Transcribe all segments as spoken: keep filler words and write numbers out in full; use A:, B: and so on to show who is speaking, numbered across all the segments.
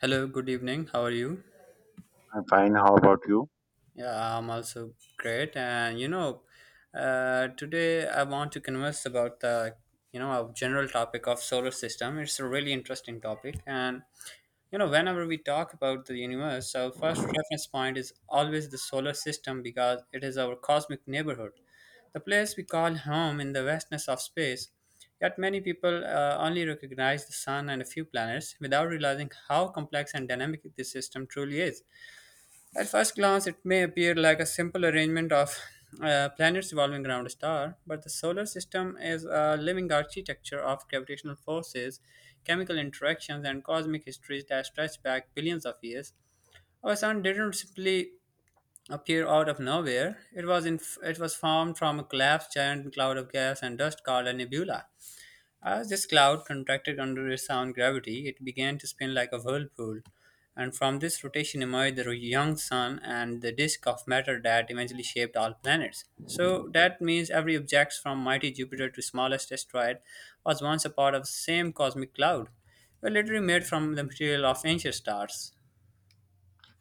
A: Hello, good evening. How are you?
B: I'm fine. How about you?
A: Yeah, I'm also great. And you know, uh, today I want to converse about the you know our general topic of solar system. It's a really interesting topic, and you know, whenever we talk about the universe, our first reference point is always the solar system because it is our cosmic neighborhood, the place we call home in the vastness of space. Yet many people uh, only recognize the sun and a few planets without realizing how complex and dynamic this system truly is. At first glance, it may appear like a simple arrangement of uh, planets revolving around a star, but the solar system is a living architecture of gravitational forces, chemical interactions, and cosmic histories that stretch back billions of years. Our sun didn't simply appear out of nowhere. It was in, it was formed from a collapsed giant cloud of gas and dust called a nebula. As this cloud contracted under its own gravity, it began to spin like a whirlpool, and from this rotation emerged the young sun and the disk of matter that eventually shaped all planets. So that means every object from mighty Jupiter to smallest asteroid was once a part of the same cosmic cloud, were literally made from the material of ancient stars.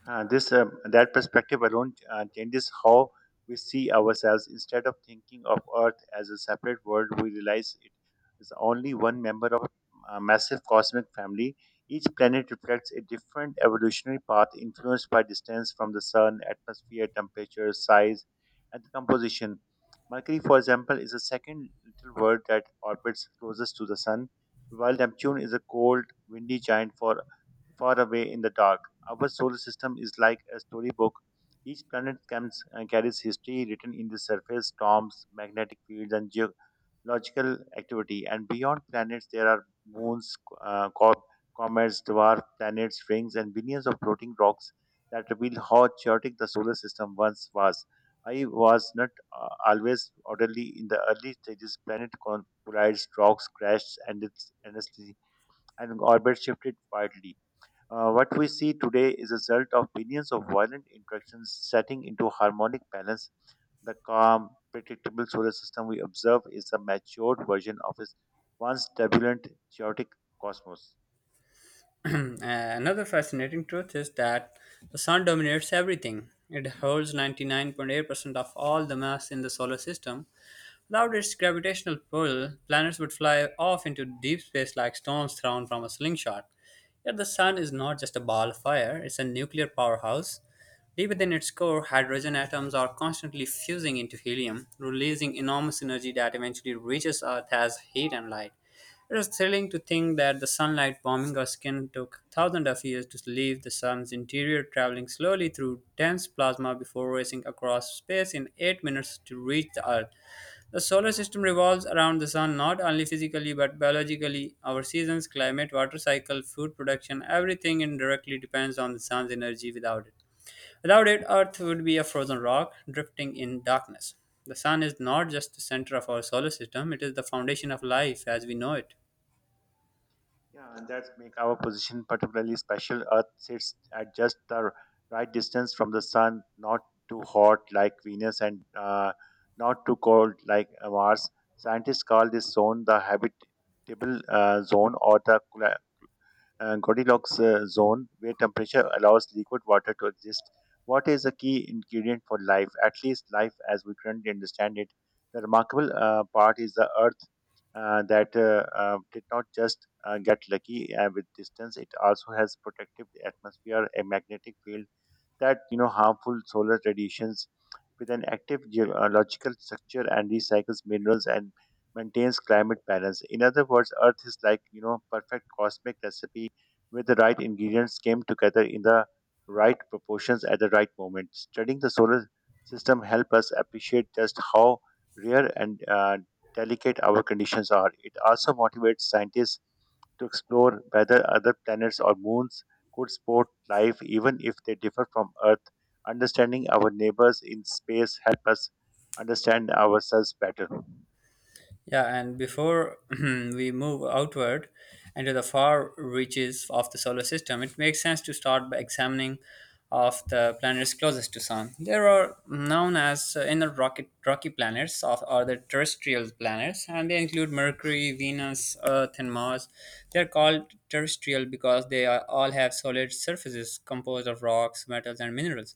B: Uh, this uh, that perspective alone uh, changes how we see ourselves. Instead of thinking of Earth as a separate world, we realize it is only one member of a massive cosmic family. Each planet reflects a different evolutionary path influenced by distance from the sun, atmosphere, temperature, size, and composition. Mercury, for example, is the second little world that orbits closest to the sun, while Neptune is a cold, windy giant for far away in the dark. Our solar system is like a storybook. Each planet comes, uh, carries history written in the surface, storms, magnetic fields, and geological activity. And beyond planets, there are moons, uh, co- comets, dwarf planets, rings, and billions of floating rocks that reveal how chaotic the solar system once was. I was not uh, always orderly in the early stages. Planet con- collides, rocks crashed, and its endlessly, and orbit shifted wildly. Uh, what we see today is a result of billions of violent interactions setting into harmonic balance. The calm, predictable solar system we observe is a matured version of its once turbulent, chaotic cosmos.
A: Another fascinating truth is that the sun dominates everything. It holds ninety-nine point eight percent of all the mass in the solar system. Without its gravitational pull, planets would fly off into deep space like stones thrown from a slingshot. Yet the sun is not just a ball of fire, it's a nuclear powerhouse. Deep within its core, hydrogen atoms are constantly fusing into helium, releasing enormous energy that eventually reaches Earth as heat and light. It is thrilling to think that the sunlight warming our skin took thousands of years to leave the sun's interior, traveling slowly through dense plasma before racing across space in eight minutes to reach the Earth. The solar system revolves around the sun not only physically but biologically. Our seasons, climate, water cycle, food production, everything indirectly depends on the sun's energy without it. Without it, Earth would be a frozen rock drifting in darkness. The sun is not just the center of our solar system, it is the foundation of life as we know it.
B: Yeah, and that's make our position particularly special. Earth sits at just the right distance from the sun, not too hot like Venus and uh, not too cold like uh, Mars. Scientists call this zone the habitable uh, zone or the uh, Goldilocks uh, zone where temperature allows liquid water to exist. Water is a key ingredient for life, at least life as we currently understand it. The remarkable uh, part is the Earth uh, that uh, uh, did not just uh, get lucky uh, with distance; it also has protected the atmosphere, a magnetic field that you know harmful solar radiations with an active geological structure and recycles minerals and maintains climate balance. In other words, Earth is like, you know, perfect cosmic recipe where the right ingredients came together in the right proportions at the right moment. Studying the solar system help us appreciate just how rare and uh, delicate our conditions are. It also motivates scientists to explore whether other planets or moons could support life even if they differ from Earth. Understanding our neighbors in space help us understand ourselves better.
A: Yeah, and before we move outward into the far reaches of the solar system, it makes sense to start by examining of the planets closest to Sun. There are known as uh, inner rocket, rocky planets of, or the terrestrial planets, and they include Mercury, Venus, Earth, and Mars. They are called terrestrial because they are, all have solid surfaces composed of rocks, metals, and minerals,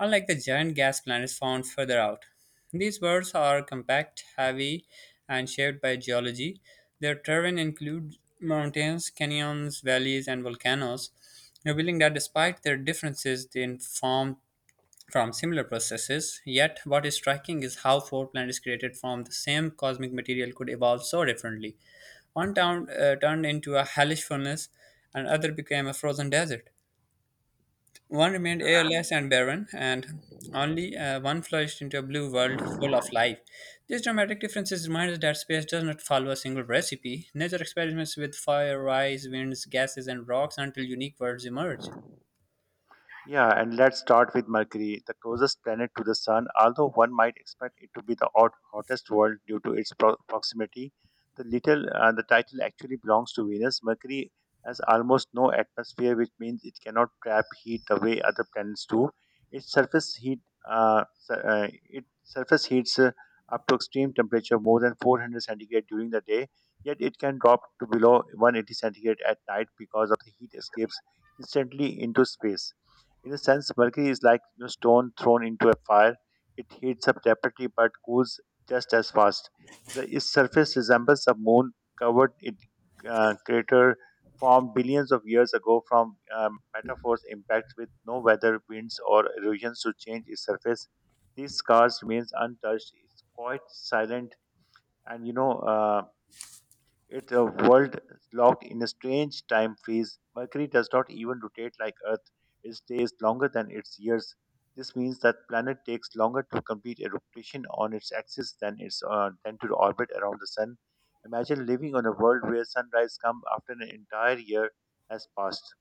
A: unlike the giant gas planets found further out. These birds are compact, heavy, and shaped by geology. Their terrain includes mountains, canyons, valleys, and volcanoes, revealing that despite their differences, they inform from similar processes. Yet, what is striking is how four planets created from the same cosmic material could evolve so differently. One town, uh, turned into a hellish furnace, and other became a frozen desert. One remained
B: Yeah, and
A: airless and barren, and only uh, one flourished into a blue world full of life. These dramatic differences remind us that space does not follow a single recipe. Nature experiments with fire, ice, winds, gases, and rocks until unique worlds emerge.
B: Yeah, and let's start with Mercury, the closest planet to the Sun. Although one might expect it to be the hot, hottest world due to its pro- proximity, the little uh, the title actually belongs to Venus. Mercury has almost no atmosphere, which means it cannot trap heat the way other planets do. Its surface heat uh, su- uh, it surface heats uh, up to extreme temperature more than four hundred centigrade during the day. Yet it can drop to below one hundred eighty centigrade at night because of the heat escapes instantly into space. In a sense, mercury is like you know, stone thrown into a fire. It heats up rapidly but cools just as fast. The its surface resembles a moon covered it, uh, crater formed billions of years ago from um, metaphors impacts with no weather, winds, or erosions to change its surface. These scars remains untouched. It's quite silent and you know uh, it's a world locked in a strange time freeze. Mercury does not even rotate like Earth. It stays longer than its years. This means that planet takes longer to complete a rotation on its axis than its uh, than to orbit around the sun. Imagine living on a world where sunrise comes after an entire year has passed.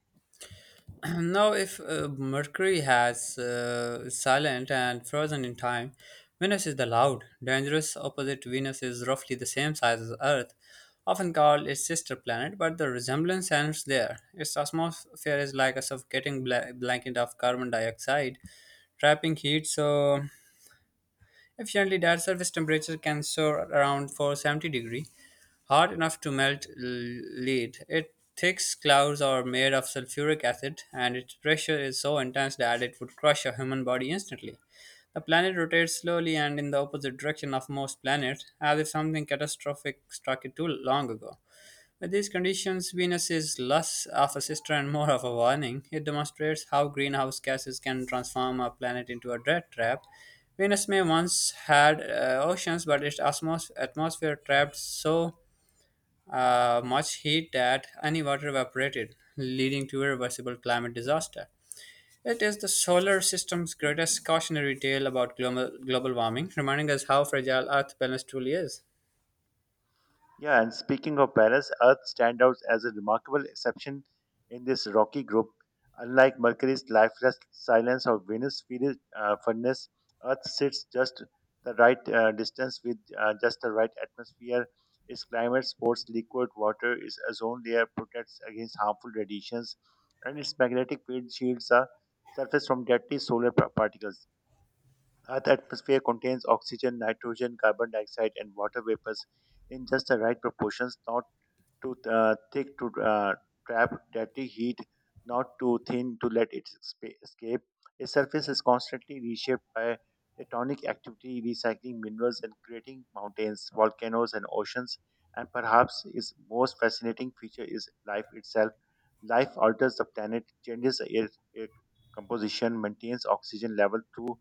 A: Now, if uh, Mercury has uh, silent and frozen in time, Venus is the loud, dangerous opposite. Venus is roughly the same size as Earth, often called its sister planet, but the resemblance ends there. Its atmosphere is like a suffocating bla- blanket of carbon dioxide, trapping heat so efficiently that surface temperature can soar around 470 degree, hot enough to melt l- lead. It thick clouds are made of sulfuric acid, and its pressure is so intense that it would crush a human body instantly. The planet rotates slowly and in the opposite direction of most planets, as if something catastrophic struck it too long ago. With these conditions, Venus is less of a sister and more of a warning. It demonstrates how greenhouse gases can transform a planet into a death trap. Venus may once had uh, oceans, but its atmos- atmosphere trapped so uh, much heat that any water evaporated, leading to irreversible climate disaster. It is the solar system's greatest cautionary tale about global, global warming, reminding us how fragile Earth balance truly is.
B: Yeah, and speaking of Paris, Earth stands out as a remarkable exception in this rocky group. Unlike Mercury's lifeless silence or Venus' fiery uh, furnace, Earth sits just the right uh, distance with uh, just the right atmosphere. Its climate supports liquid water, its ozone layer protects against harmful radiations, and its magnetic field shields the surface from deadly solar pa- particles. Uh, the atmosphere contains oxygen, nitrogen, carbon dioxide, and water vapors in just the right proportions, not too uh, thick to uh, trap dirty heat, not too thin to let it spa- escape. A surface is constantly reshaped by tectonic activity, recycling minerals and creating mountains, volcanoes, and oceans. And perhaps its most fascinating feature is life itself. Life alters the planet, changes the air, air composition, maintains oxygen level through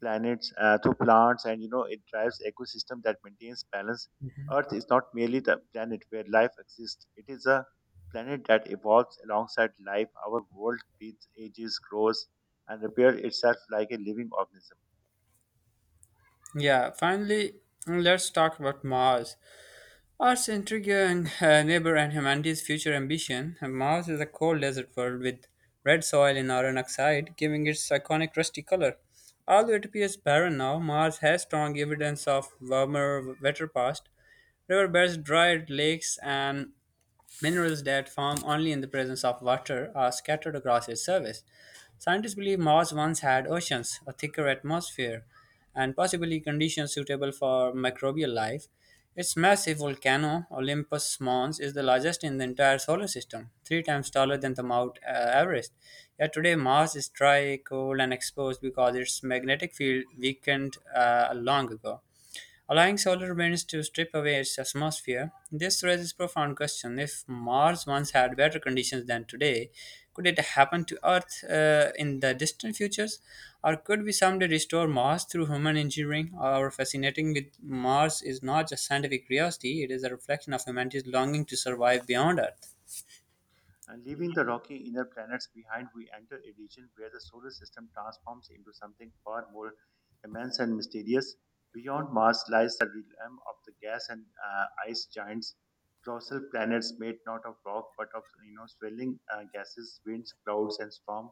B: planets, uh, through plants, and you know it drives ecosystem that maintains balance. Earth is not merely the planet where life exists, it is a planet that evolves alongside life. Our world breathes, ages, grows, and repairs itself like a living organism.
A: Yeah, finally, let's talk about Mars. Art's intriguing uh, neighbor and humanity's future ambition, Mars is a cold desert world with red soil and iron oxide, giving its iconic rusty color. Although it appears barren now, Mars has strong evidence of warmer, wetter past. Riverbeds, dried lakes, and minerals that form only in the presence of water are scattered across its surface. Scientists believe Mars once had oceans, a thicker atmosphere, and possibly conditions suitable for microbial life. Its massive volcano, Olympus Mons, is the largest in the entire solar system, three times taller than the Mount uh, Everest. Yet today, Mars is dry, cold, and exposed because its magnetic field weakened uh, long ago allowing solar winds to strip away its atmosphere. This raises profound question. If Mars once had better conditions than today, could it happen to Earth uh, in the distant futures? Or could we someday restore Mars through human engineering? Our fascinating with Mars is not just scientific curiosity, it is a reflection of humanity's longing to survive beyond Earth.
B: And leaving the rocky inner planets behind, we enter a region where the solar system transforms into something far more immense and mysterious. Beyond Mars lies the realm of the gas and uh, ice giants, colossal planets made not of rock but of you know swirling uh, gases, winds, clouds, and storm,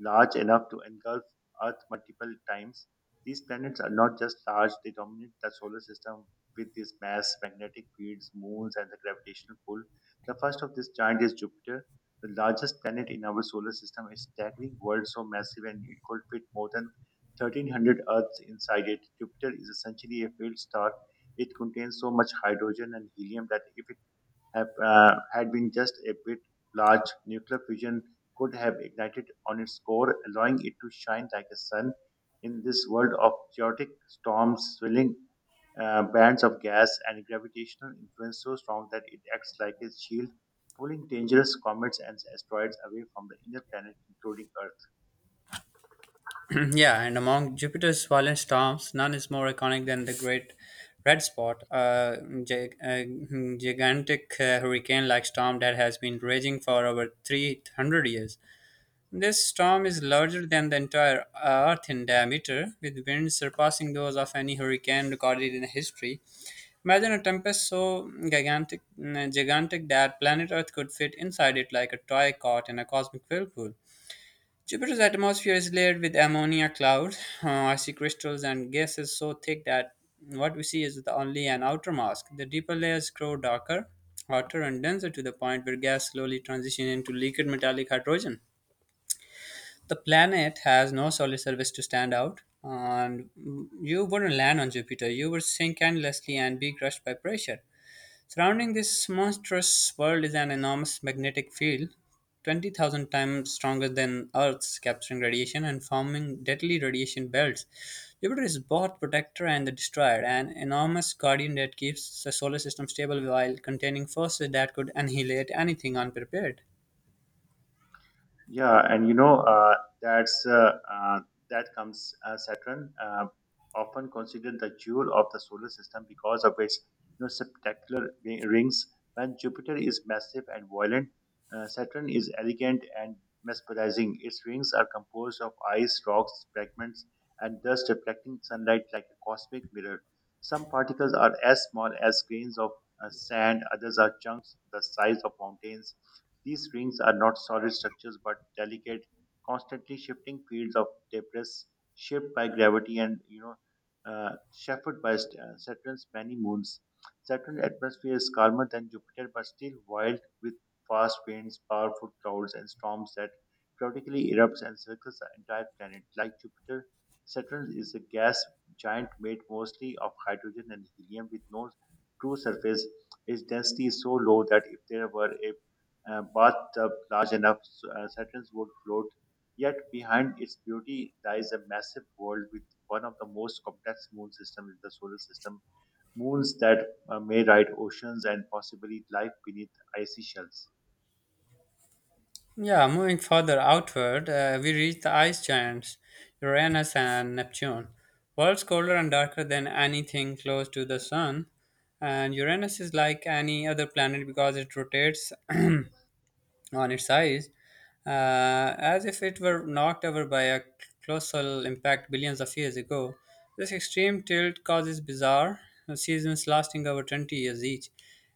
B: large enough to engulf Earth multiple times. These planets are not just large; they dominate the solar system with its mass, magnetic fields, moons, and the gravitational pull. The first of this giant is Jupiter, the largest planet in our solar system is staggering world so massive and it could fit more than thirteen hundred Earths inside it. Jupiter is essentially a failed star. It contains so much hydrogen and helium that if it have, uh, had been just a bit large, nuclear fusion could have ignited on its core, allowing it to shine like a sun in this world of chaotic storms, swirling uh, bands of gas, and gravitational influence so strong that it acts like a shield, pulling dangerous comets and asteroids away from the inner planet, including Earth.
A: Yeah, and among Jupiter's violent storms, none is more iconic than the Great Red Spot, a gi- a hmm, gigantic uh, hurricane like storm that has been raging for over three hundred years. This storm is larger than the entire Earth in diameter, with winds surpassing those of any hurricane recorded in history. Imagine a tempest so gigantic, mm, gigantic that planet Earth could fit inside it like a toy caught in a cosmic whirlpool. Jupiter's atmosphere is layered with ammonia clouds, uh, icy crystals, and gases so thick that what we see is the only an outer mask. The deeper layers grow darker, hotter, and denser to the point where gas slowly transitions into liquid metallic hydrogen. The planet has no solid surface to stand out, and you wouldn't land on Jupiter. You would sink endlessly and be crushed by pressure. Surrounding this monstrous world is an enormous magnetic field, twenty thousand times stronger than Earth's, capturing radiation and forming deadly radiation belts. Jupiter is both protector and the destroyer, an enormous guardian that keeps the solar system stable while containing forces that could annihilate anything unprepared.
B: Yeah, and you know uh, that's uh, uh, That comes uh, Saturn, uh, often considered the jewel of the solar system because of its you know spectacular ri- rings. When Jupiter is massive and violent, uh, Saturn is elegant and mesmerizing. Its rings are composed of ice, rocks, fragments, and dust reflecting sunlight like a cosmic mirror. Some particles are as small as grains of uh, sand; others are chunks the size of mountains. These rings are not solid structures but delicate, constantly shifting fields of debris shaped by gravity and you know uh, chauffeured by st- uh, Saturn's many moons. Saturn's atmosphere is calmer than Jupiter but still wild with fast winds, powerful clouds, and storms that periodically erupts and circles the entire planet. Like Jupiter, Saturn is a gas giant made mostly of hydrogen and helium with no true surface. Its density is so low that if there were a uh, bathtub large enough so, uh, Saturn's would float. Yet behind its beauty lies a massive world with one of the most complex moon systems in the solar system, moons that uh, may ride oceans and possibly life beneath icy shells.
A: Yeah, moving further outward, uh, we reach the ice giants, Uranus and Neptune. Worlds colder and darker than anything close to the sun. And Uranus is like any other planet because it rotates on its eyes, uh, as if it were knocked over by a colossal impact billions of years ago. This extreme tilt causes bizarre seasons lasting over 20 years each.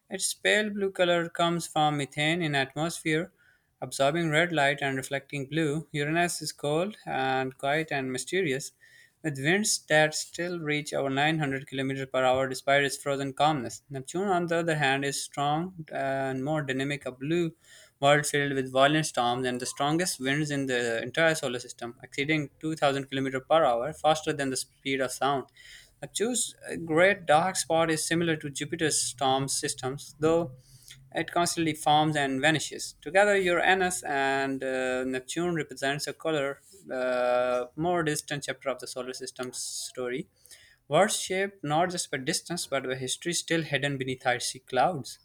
A: Its pale blue color comes from methane in atmosphere, absorbing red light and reflecting blue. Uranus is cold and quiet and mysterious with winds that still reach over 900 kilometers per hour despite its frozen calmness. Neptune, on the other hand, is strong uh, and more dynamic, a blue world filled with violent storms and the strongest winds in the entire solar system, exceeding 2000 kilometers per hour, faster than the speed of sound. Neptune's uh, great dark spot is similar to Jupiter's storm systems, though it constantly forms and vanishes. Together, Uranus and uh, Neptune represents a color, uh, more distant chapter of the solar system's story. Words shaped not just by distance but by history still hidden beneath icy clouds.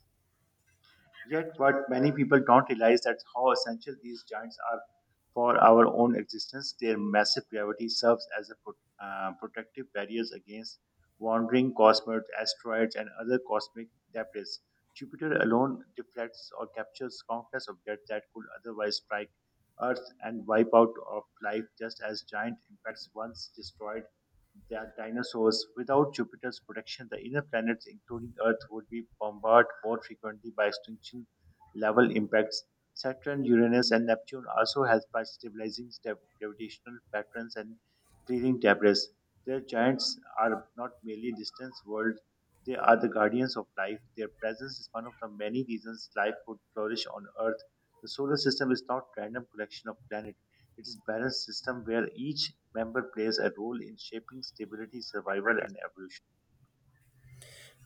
B: Yet what many people don't realize that how essential these giants are for our own existence, their massive gravity serves as a pro- uh, protective barrier against wandering cosmic asteroids and other cosmic debris. Jupiter alone deflects or captures countless objects that could otherwise strike Earth and wipe out of life, just as giant impacts once destroyed the dinosaurs. Without Jupiter's protection, the inner planets, including Earth, would be bombarded more frequently by extinction level impacts. Saturn, Uranus, and Neptune also help by stabilizing sta- gravitational patterns and clearing debris. Their giants are not merely distant worlds, they are the guardians of life. Their presence is one of the many reasons life could flourish on Earth. The solar system is not random collection of planets. It is balanced system where each member plays a role in shaping stability, survival, and evolution.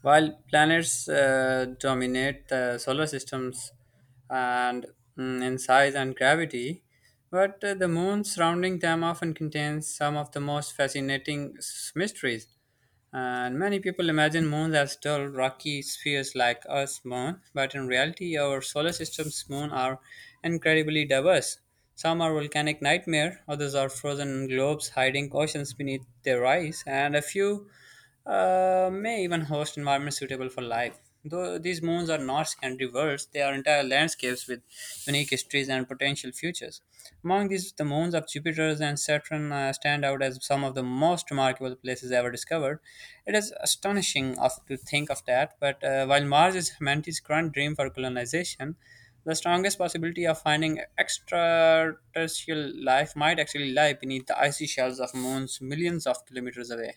A: While planets uh, dominate the solar systems and mm, in size and gravity, but uh, the moon surrounding them often contains some of the most fascinating s- mysteries. And many people imagine moons as dull, rocky spheres like Earth's moon, but in reality, our solar system's moons are incredibly diverse. Some are volcanic nightmare, others are frozen globes hiding oceans beneath their ice, and a few uh, may even host environments suitable for life. Though these moons are not secondary worlds, they are entire landscapes with unique histories and potential futures. Among these, the moons of Jupiter and Saturn uh, stand out as some of the most remarkable places ever discovered. It is astonishing of, to think of that, but uh, while Mars is humanity's current dream for colonization, the strongest possibility of finding extraterrestrial life might actually lie beneath the icy shells of moons millions of kilometers away.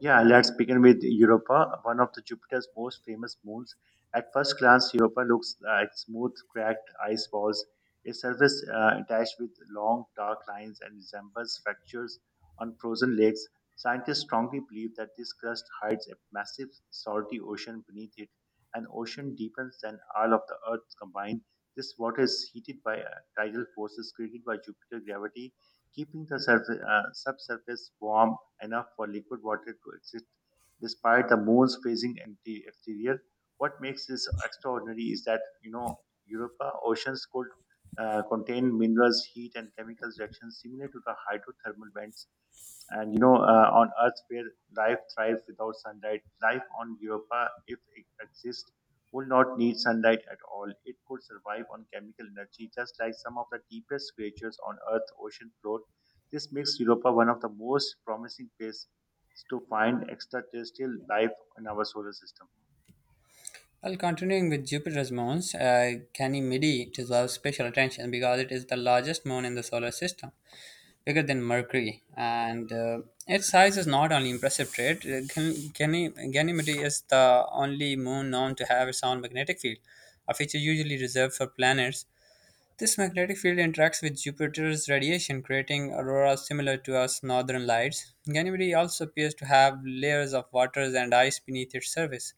B: Yeah, let's begin with Europa, one of the Jupiter's most famous moons. At first glance, Europa looks like smooth, cracked ice walls, a surface uh, dashed with long, dark lines and resembles fractures on frozen lakes. Scientists strongly believe that this crust hides a massive salty ocean beneath it, an ocean deeper than all of the Earth combined. This water is heated by uh, tidal forces created by Jupiter gravity, keeping the surface, uh, subsurface warm enough for liquid water to exist despite the moon's freezing empty exterior. What makes this extraordinary is that you know Europa oceans could uh, contain minerals, heat, and chemical reactions similar to the hydrothermal vents and you know, uh, on Earth where life thrives without sunlight. Life on Europa, if it exists, would not need sunlight at all. It could survive on chemical energy, just like some of the deepest creatures on Earth ocean float. This makes Europa one of the most promising places to find extraterrestrial life in our solar system.
A: Well, continuing with Jupiter's moons, uh, Ganymede deserves special attention because it is the largest moon in the solar system, bigger than Mercury, and uh, its size is not only impressive trait. uh, Gan- Gany- Ganymede is the only moon known to have its own magnetic field, a feature usually reserved for planets. This magnetic field interacts with Jupiter's radiation, creating auroras similar to us northern lights. Ganymede also appears to have layers of waters and ice beneath its surface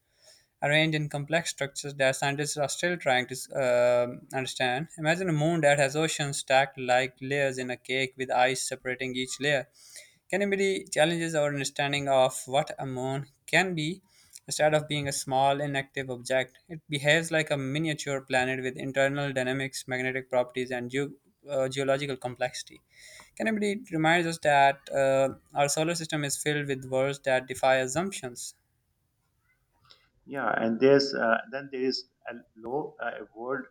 A: arranged in complex structures that scientists are still trying to um understand. Imagine a moon that has oceans stacked like layers in a cake with ice separating each layer. Canopy challenges our understanding of what a moon can be. Instead of being a small, inactive object, it behaves like a miniature planet with internal dynamics, magnetic properties, and geo uh, geological complexity. Canopy reminds us that uh, our solar system is filled with worlds that defy assumptions.
B: Yeah, and there's uh, Then there is a low uh, world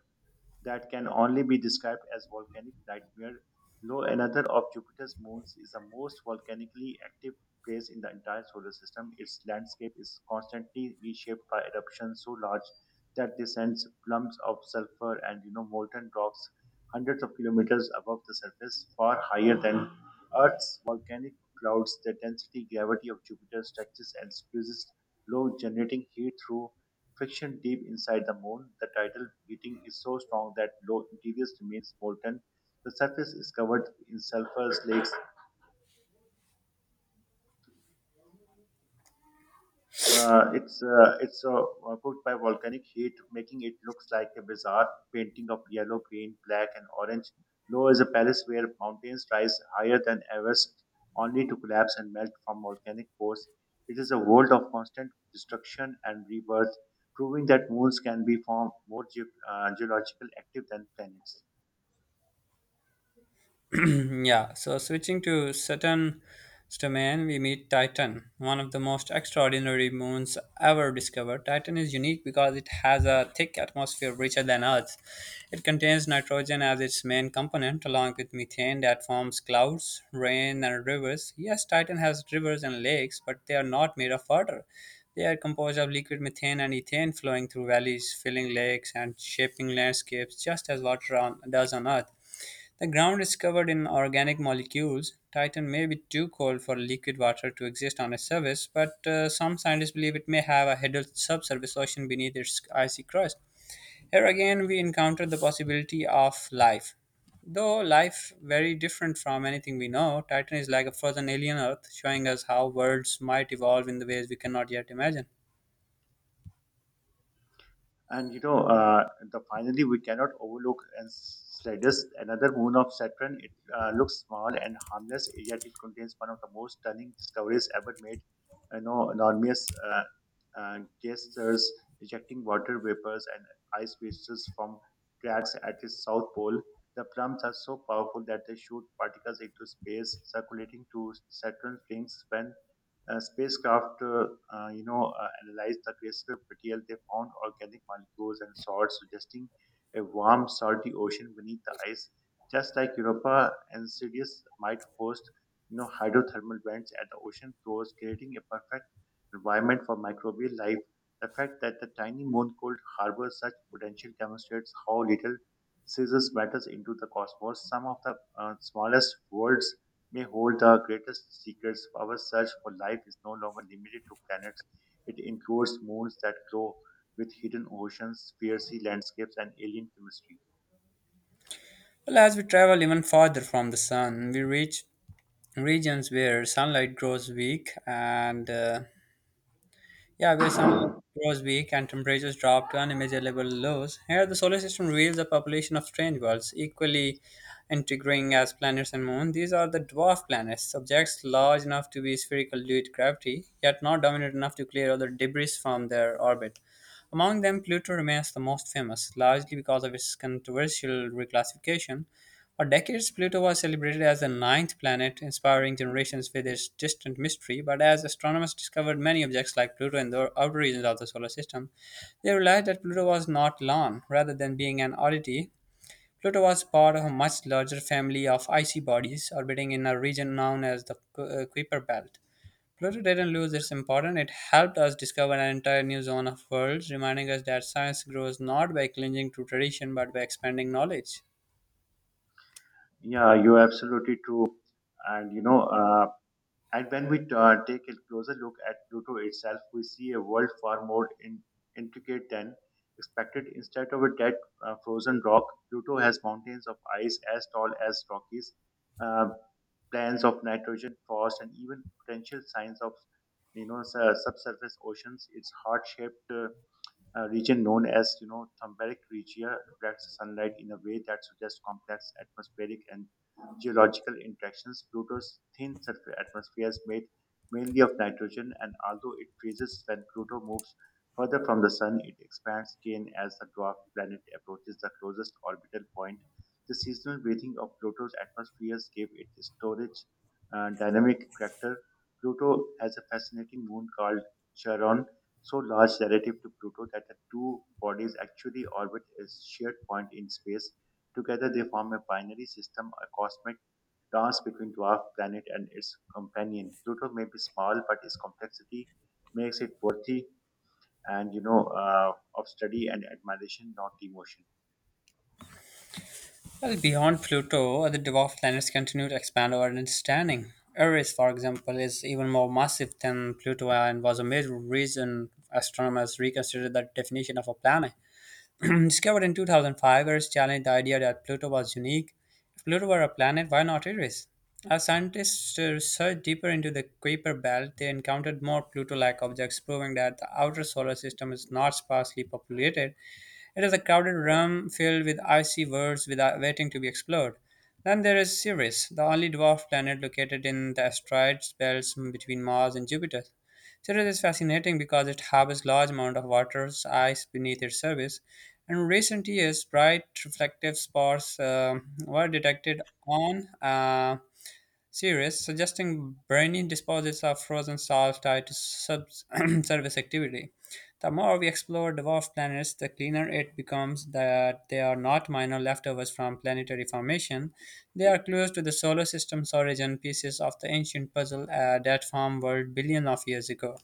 B: that can only be described as volcanic nightmare, though another of Jupiter's moons is the most volcanically active place in the entire solar system. Its landscape is constantly reshaped by eruptions so large that they send plumes of sulfur and you know molten rocks hundreds of kilometers above the surface, far higher than Earth's volcanic clouds. The density gravity of Jupiter stretches and squeezes low, generating heat through friction deep inside the moon. The tidal heating is so strong that low interior remains molten. The surface is covered in sulfur lakes. Uh, it's uh, it's uh, cooked by volcanic heat, making it looks like a bizarre painting of yellow, green, black, and orange. Low is a palace where mountains rise higher than Everest, only to collapse and melt from volcanic force. It is a world of constant destruction and rebirth, proving that moons can be formed more ge- uh, geological active than planets.
A: Yeah, so switching to Saturn's domain, we meet Titan, one of the most extraordinary moons ever discovered. Titan is unique because it has a thick atmosphere richer than Earth's. It contains nitrogen as its main component, along with methane that forms clouds, rain, and rivers. Yes, Titan has rivers and lakes, but they are not made of water. They are composed of liquid methane and ethane flowing through valleys, filling lakes, and shaping landscapes just as water on, does on Earth. The ground is covered in organic molecules. Titan may be too cold for liquid water to exist on its surface, but uh, some scientists believe it may have a hidden subsurface ocean beneath its icy crust. Here again, we encounter the possibility of life. Though life very different from anything we know, Titan is like a frozen alien Earth, showing us how worlds might evolve in the ways we cannot yet imagine.
B: And you know, uh, the Finally, we cannot overlook Enceladus, another moon of Saturn. It uh, looks small and harmless, yet it contains one of the most stunning discoveries ever made. You know, enormous uh, uh, geysers ejecting water vapors and ice pieces from cracks at its south pole. The plumes are so powerful that they shoot particles into space, circulating to Saturn's rings. When uh, spacecraft uh, uh, you know, uh, analyzed the crystal material, they found organic molecules and salts suggesting a warm, salty ocean beneath the ice. Just like Europa, Enceladus might host, you know, hydrothermal vents at the ocean floors, creating a perfect environment for microbial life. The fact that the tiny moon could harbor such potential demonstrates how little scissors matters into the cosmos. Some of the uh, smallest worlds may hold the greatest secrets. Our search for life is no longer limited to planets. It includes moons that glow with hidden oceans, fiery landscapes, and alien chemistry.
A: Well, as we travel even farther from the sun, we reach regions where sunlight grows weak and uh, Yeah, where sunlight grows weak and temperatures drop to unimaginable lows. Here the solar system reveals a population of strange worlds, equally intriguing as planets and moon. These are the dwarf planets, subjects large enough to be spherical due to gravity, yet not dominant enough to clear other debris from their orbit. Among them, Pluto remains the most famous, largely because of its controversial reclassification. For decades, Pluto was celebrated as the ninth planet, inspiring generations with its distant mystery. But as astronomers discovered many objects like Pluto in the outer regions of the solar system, they realized that Pluto was not lone. Rather than being an oddity, Pluto was part of a much larger family of icy bodies orbiting in a region known as the Ku- uh, Kuiper Belt. Pluto didn't lose its importance, it helped us discover an entire new zone of worlds, reminding us that science grows not by clinging to tradition but by expanding knowledge.
B: Yeah, you're absolutely true. And you know, uh, And when we uh, take a closer look at Pluto itself, we see a world far more in, intricate than expected. Instead of a dead uh, frozen rock, Pluto has mountains of ice as tall as Rockies, uh, plans of nitrogen, frost, and even potential signs of you know su- subsurface oceans. Its heart-shaped uh, a region known as you know thermalic region reflects sunlight in a way that suggests complex atmospheric and geological interactions. Pluto's thin surface atmosphere is made mainly of nitrogen, and although it freezes when Pluto moves further from the Sun, it expands again as the dwarf planet approaches the closest orbital point. The seasonal breathing of Pluto's atmospheres gave it a storage uh, dynamic character. Pluto has a fascinating moon called Charon, so large relative to Pluto that the two bodies actually orbit a shared point in space. Together, they form a binary system, a cosmic dance between dwarf planet and its companion. Pluto may be small, but its complexity makes it worthy and you know uh, of study and admiration, not demotion.
A: Well, beyond Pluto, other dwarf planets continue to expand our understanding. Eris, for example, is even more massive than Pluto and was a major reason astronomers reconsidered the definition of a planet. Discovered in two thousand five, Eris challenged the idea that Pluto was unique. If Pluto were a planet, why not Eris? As scientists uh, searched deeper into the Kuiper Belt, they encountered more Pluto like objects, proving that the outer solar system is not sparsely populated, it is a crowded room filled with icy worlds without waiting to be explored. Then there is Ceres, the only dwarf planet located in the asteroid belt between Mars and Jupiter. Ceres is fascinating because it harbors large amount of water, ice beneath its surface. In recent years, bright reflective spots um were detected on uh, series, suggesting briny deposits of frozen salt tied to subsurface activity. The more we explore dwarf planets, the cleaner it becomes that they are not minor leftovers from planetary formation. They are clues to the solar system's origin, pieces of the ancient puzzle uh, that formed world billions of years ago.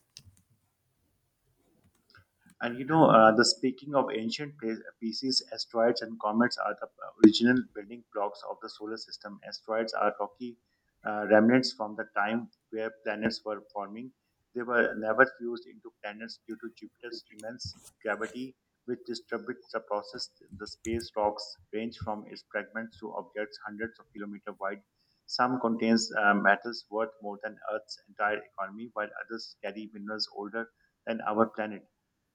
B: And you know, uh, the Speaking of ancient pla- pieces, asteroids and comets are the uh, original building blocks of the solar system. Asteroids are rocky uh, remnants from the time where planets were forming. They were never fused into planets due to Jupiter's immense gravity, which distributes the process. The space rocks range from its fragments to objects hundreds of kilometers wide. Some contains uh, metals worth more than Earth's entire economy, while others carry minerals older than our planet.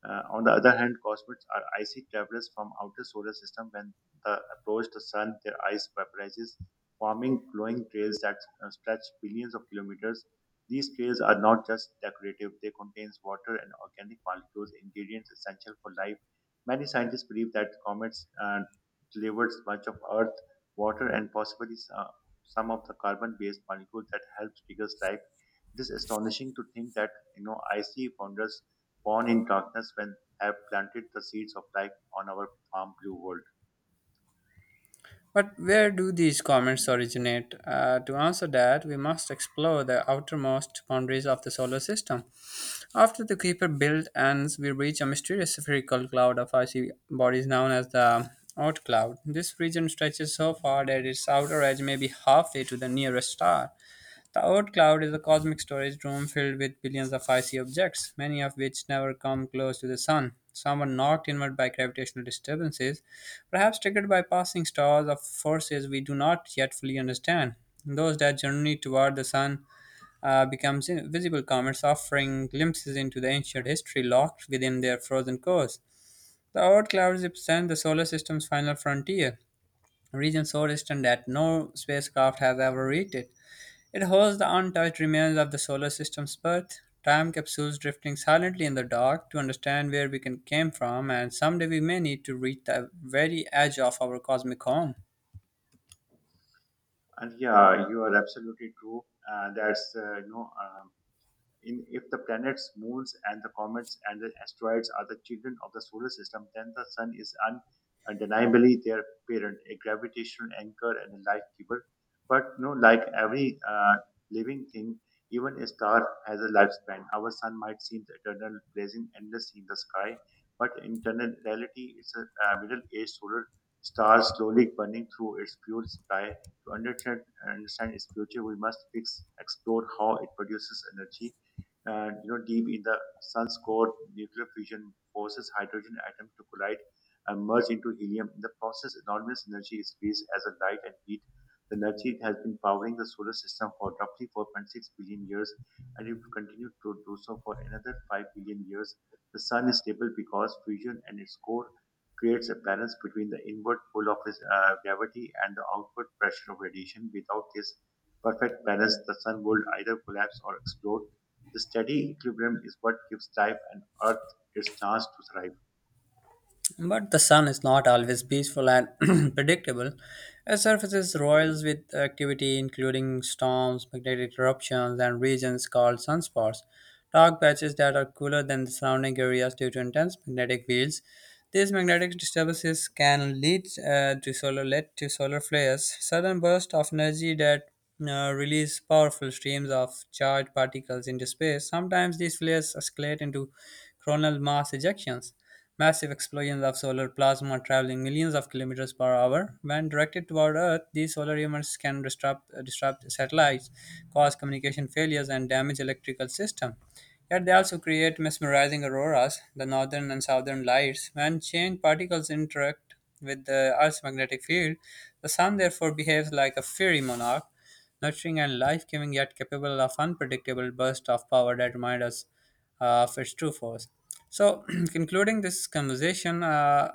B: Uh, on the other hand, cosmids are icy travelers from outer solar system. When they approach the sun, their ice vaporizes, forming glowing trails that uh, stretch billions of kilometers. These trails are not just decorative; they contain water and organic molecules, ingredients essential for life. Many scientists believe that comets uh, delivered much of Earth water and possibly s- uh, some of the carbon-based molecules that helps triggers life. It is astonishing to think that you know icy wonders born in darkness when have planted the seeds of life on our farm blue world.
A: But where do these comments originate? Uh, to answer that, we must explore the outermost boundaries of the solar system. After the Kuiper belt ends, we reach a mysterious spherical cloud of icy bodies known as the Oort cloud. This region stretches so far that its outer edge may be halfway to the nearest star. The Oort cloud is a cosmic storage room filled with billions of icy objects, many of which never come close to the sun. Some were knocked inward by gravitational disturbances, perhaps triggered by passing stars of forces we do not yet fully understand. Those that journey toward the sun uh, become visible comets, offering glimpses into the ancient history locked within their frozen cores. The Oort clouds represent the solar system's final frontier, a region so distant that no spacecraft has ever reached it. It holds the untouched remains of the solar system's birth, time capsules drifting silently in the dark to understand where we can- came from, and someday we may need to reach the very edge of our cosmic home.
B: And yeah, you are absolutely true. Uh, that's uh, you know. Um, In, if the planets, moons, and the comets and the asteroids are the children of the solar system, then the sun is undeniably their parent, a gravitational anchor and a life giver. But no, like every uh, living thing, even a star has a lifespan. Our sun might seem eternal, blazing endless in the sky, but in internal reality, it's a uh, middle-aged solar star slowly burning through its fuel supply to understand, understand its future. We must fix, explore how it produces energy. Uh, you know, deep in the sun's core, nuclear fusion forces hydrogen atoms to collide and merge into helium. In the process, enormous energy is released as a light and heat. The energy has been powering the solar system for roughly 4.6 billion years, and it will continue to do so for another 5 billion years. The sun is stable because fusion and its core creates a balance between the inward pull of its, uh, gravity and the outward pressure of radiation. Without this perfect balance, the sun would either collapse or explode. The steady equilibrium is what gives life and Earth its chance to thrive.
A: But the sun is not always peaceful and predictable. It surfaces roils with activity, including storms, magnetic eruptions, and regions called sunspots, dark patches that are cooler than the surrounding areas due to intense magnetic fields. These magnetic disturbances can lead uh, to solar lead to solar flares, sudden bursts of energy that uh, release powerful streams of charged particles into space. Sometimes these flares escalate into coronal mass ejections, massive explosions of solar plasma traveling millions of kilometers per hour. When directed toward Earth, these solar emits can disrupt, uh, disrupt satellites, cause communication failures, and damage electrical system. Yet they also create mesmerizing auroras, the northern and southern lights. When chain particles interact with the Earth's magnetic field, the sun therefore behaves like a fiery monarch nurturing and life giving, yet capable of unpredictable bursts of power that remind us uh, of its true force. So, concluding this conversation, uh,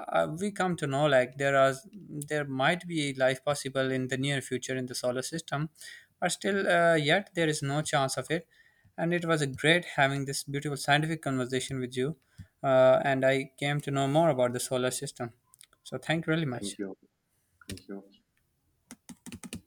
A: uh, we come to know like there are there might be life possible in the near future in the solar system, but still, uh, yet there is no chance of it. And it was a great having this beautiful scientific conversation with you, uh, and I came to know more about the solar system. So, thank you really much.
B: Thank you. Thank you.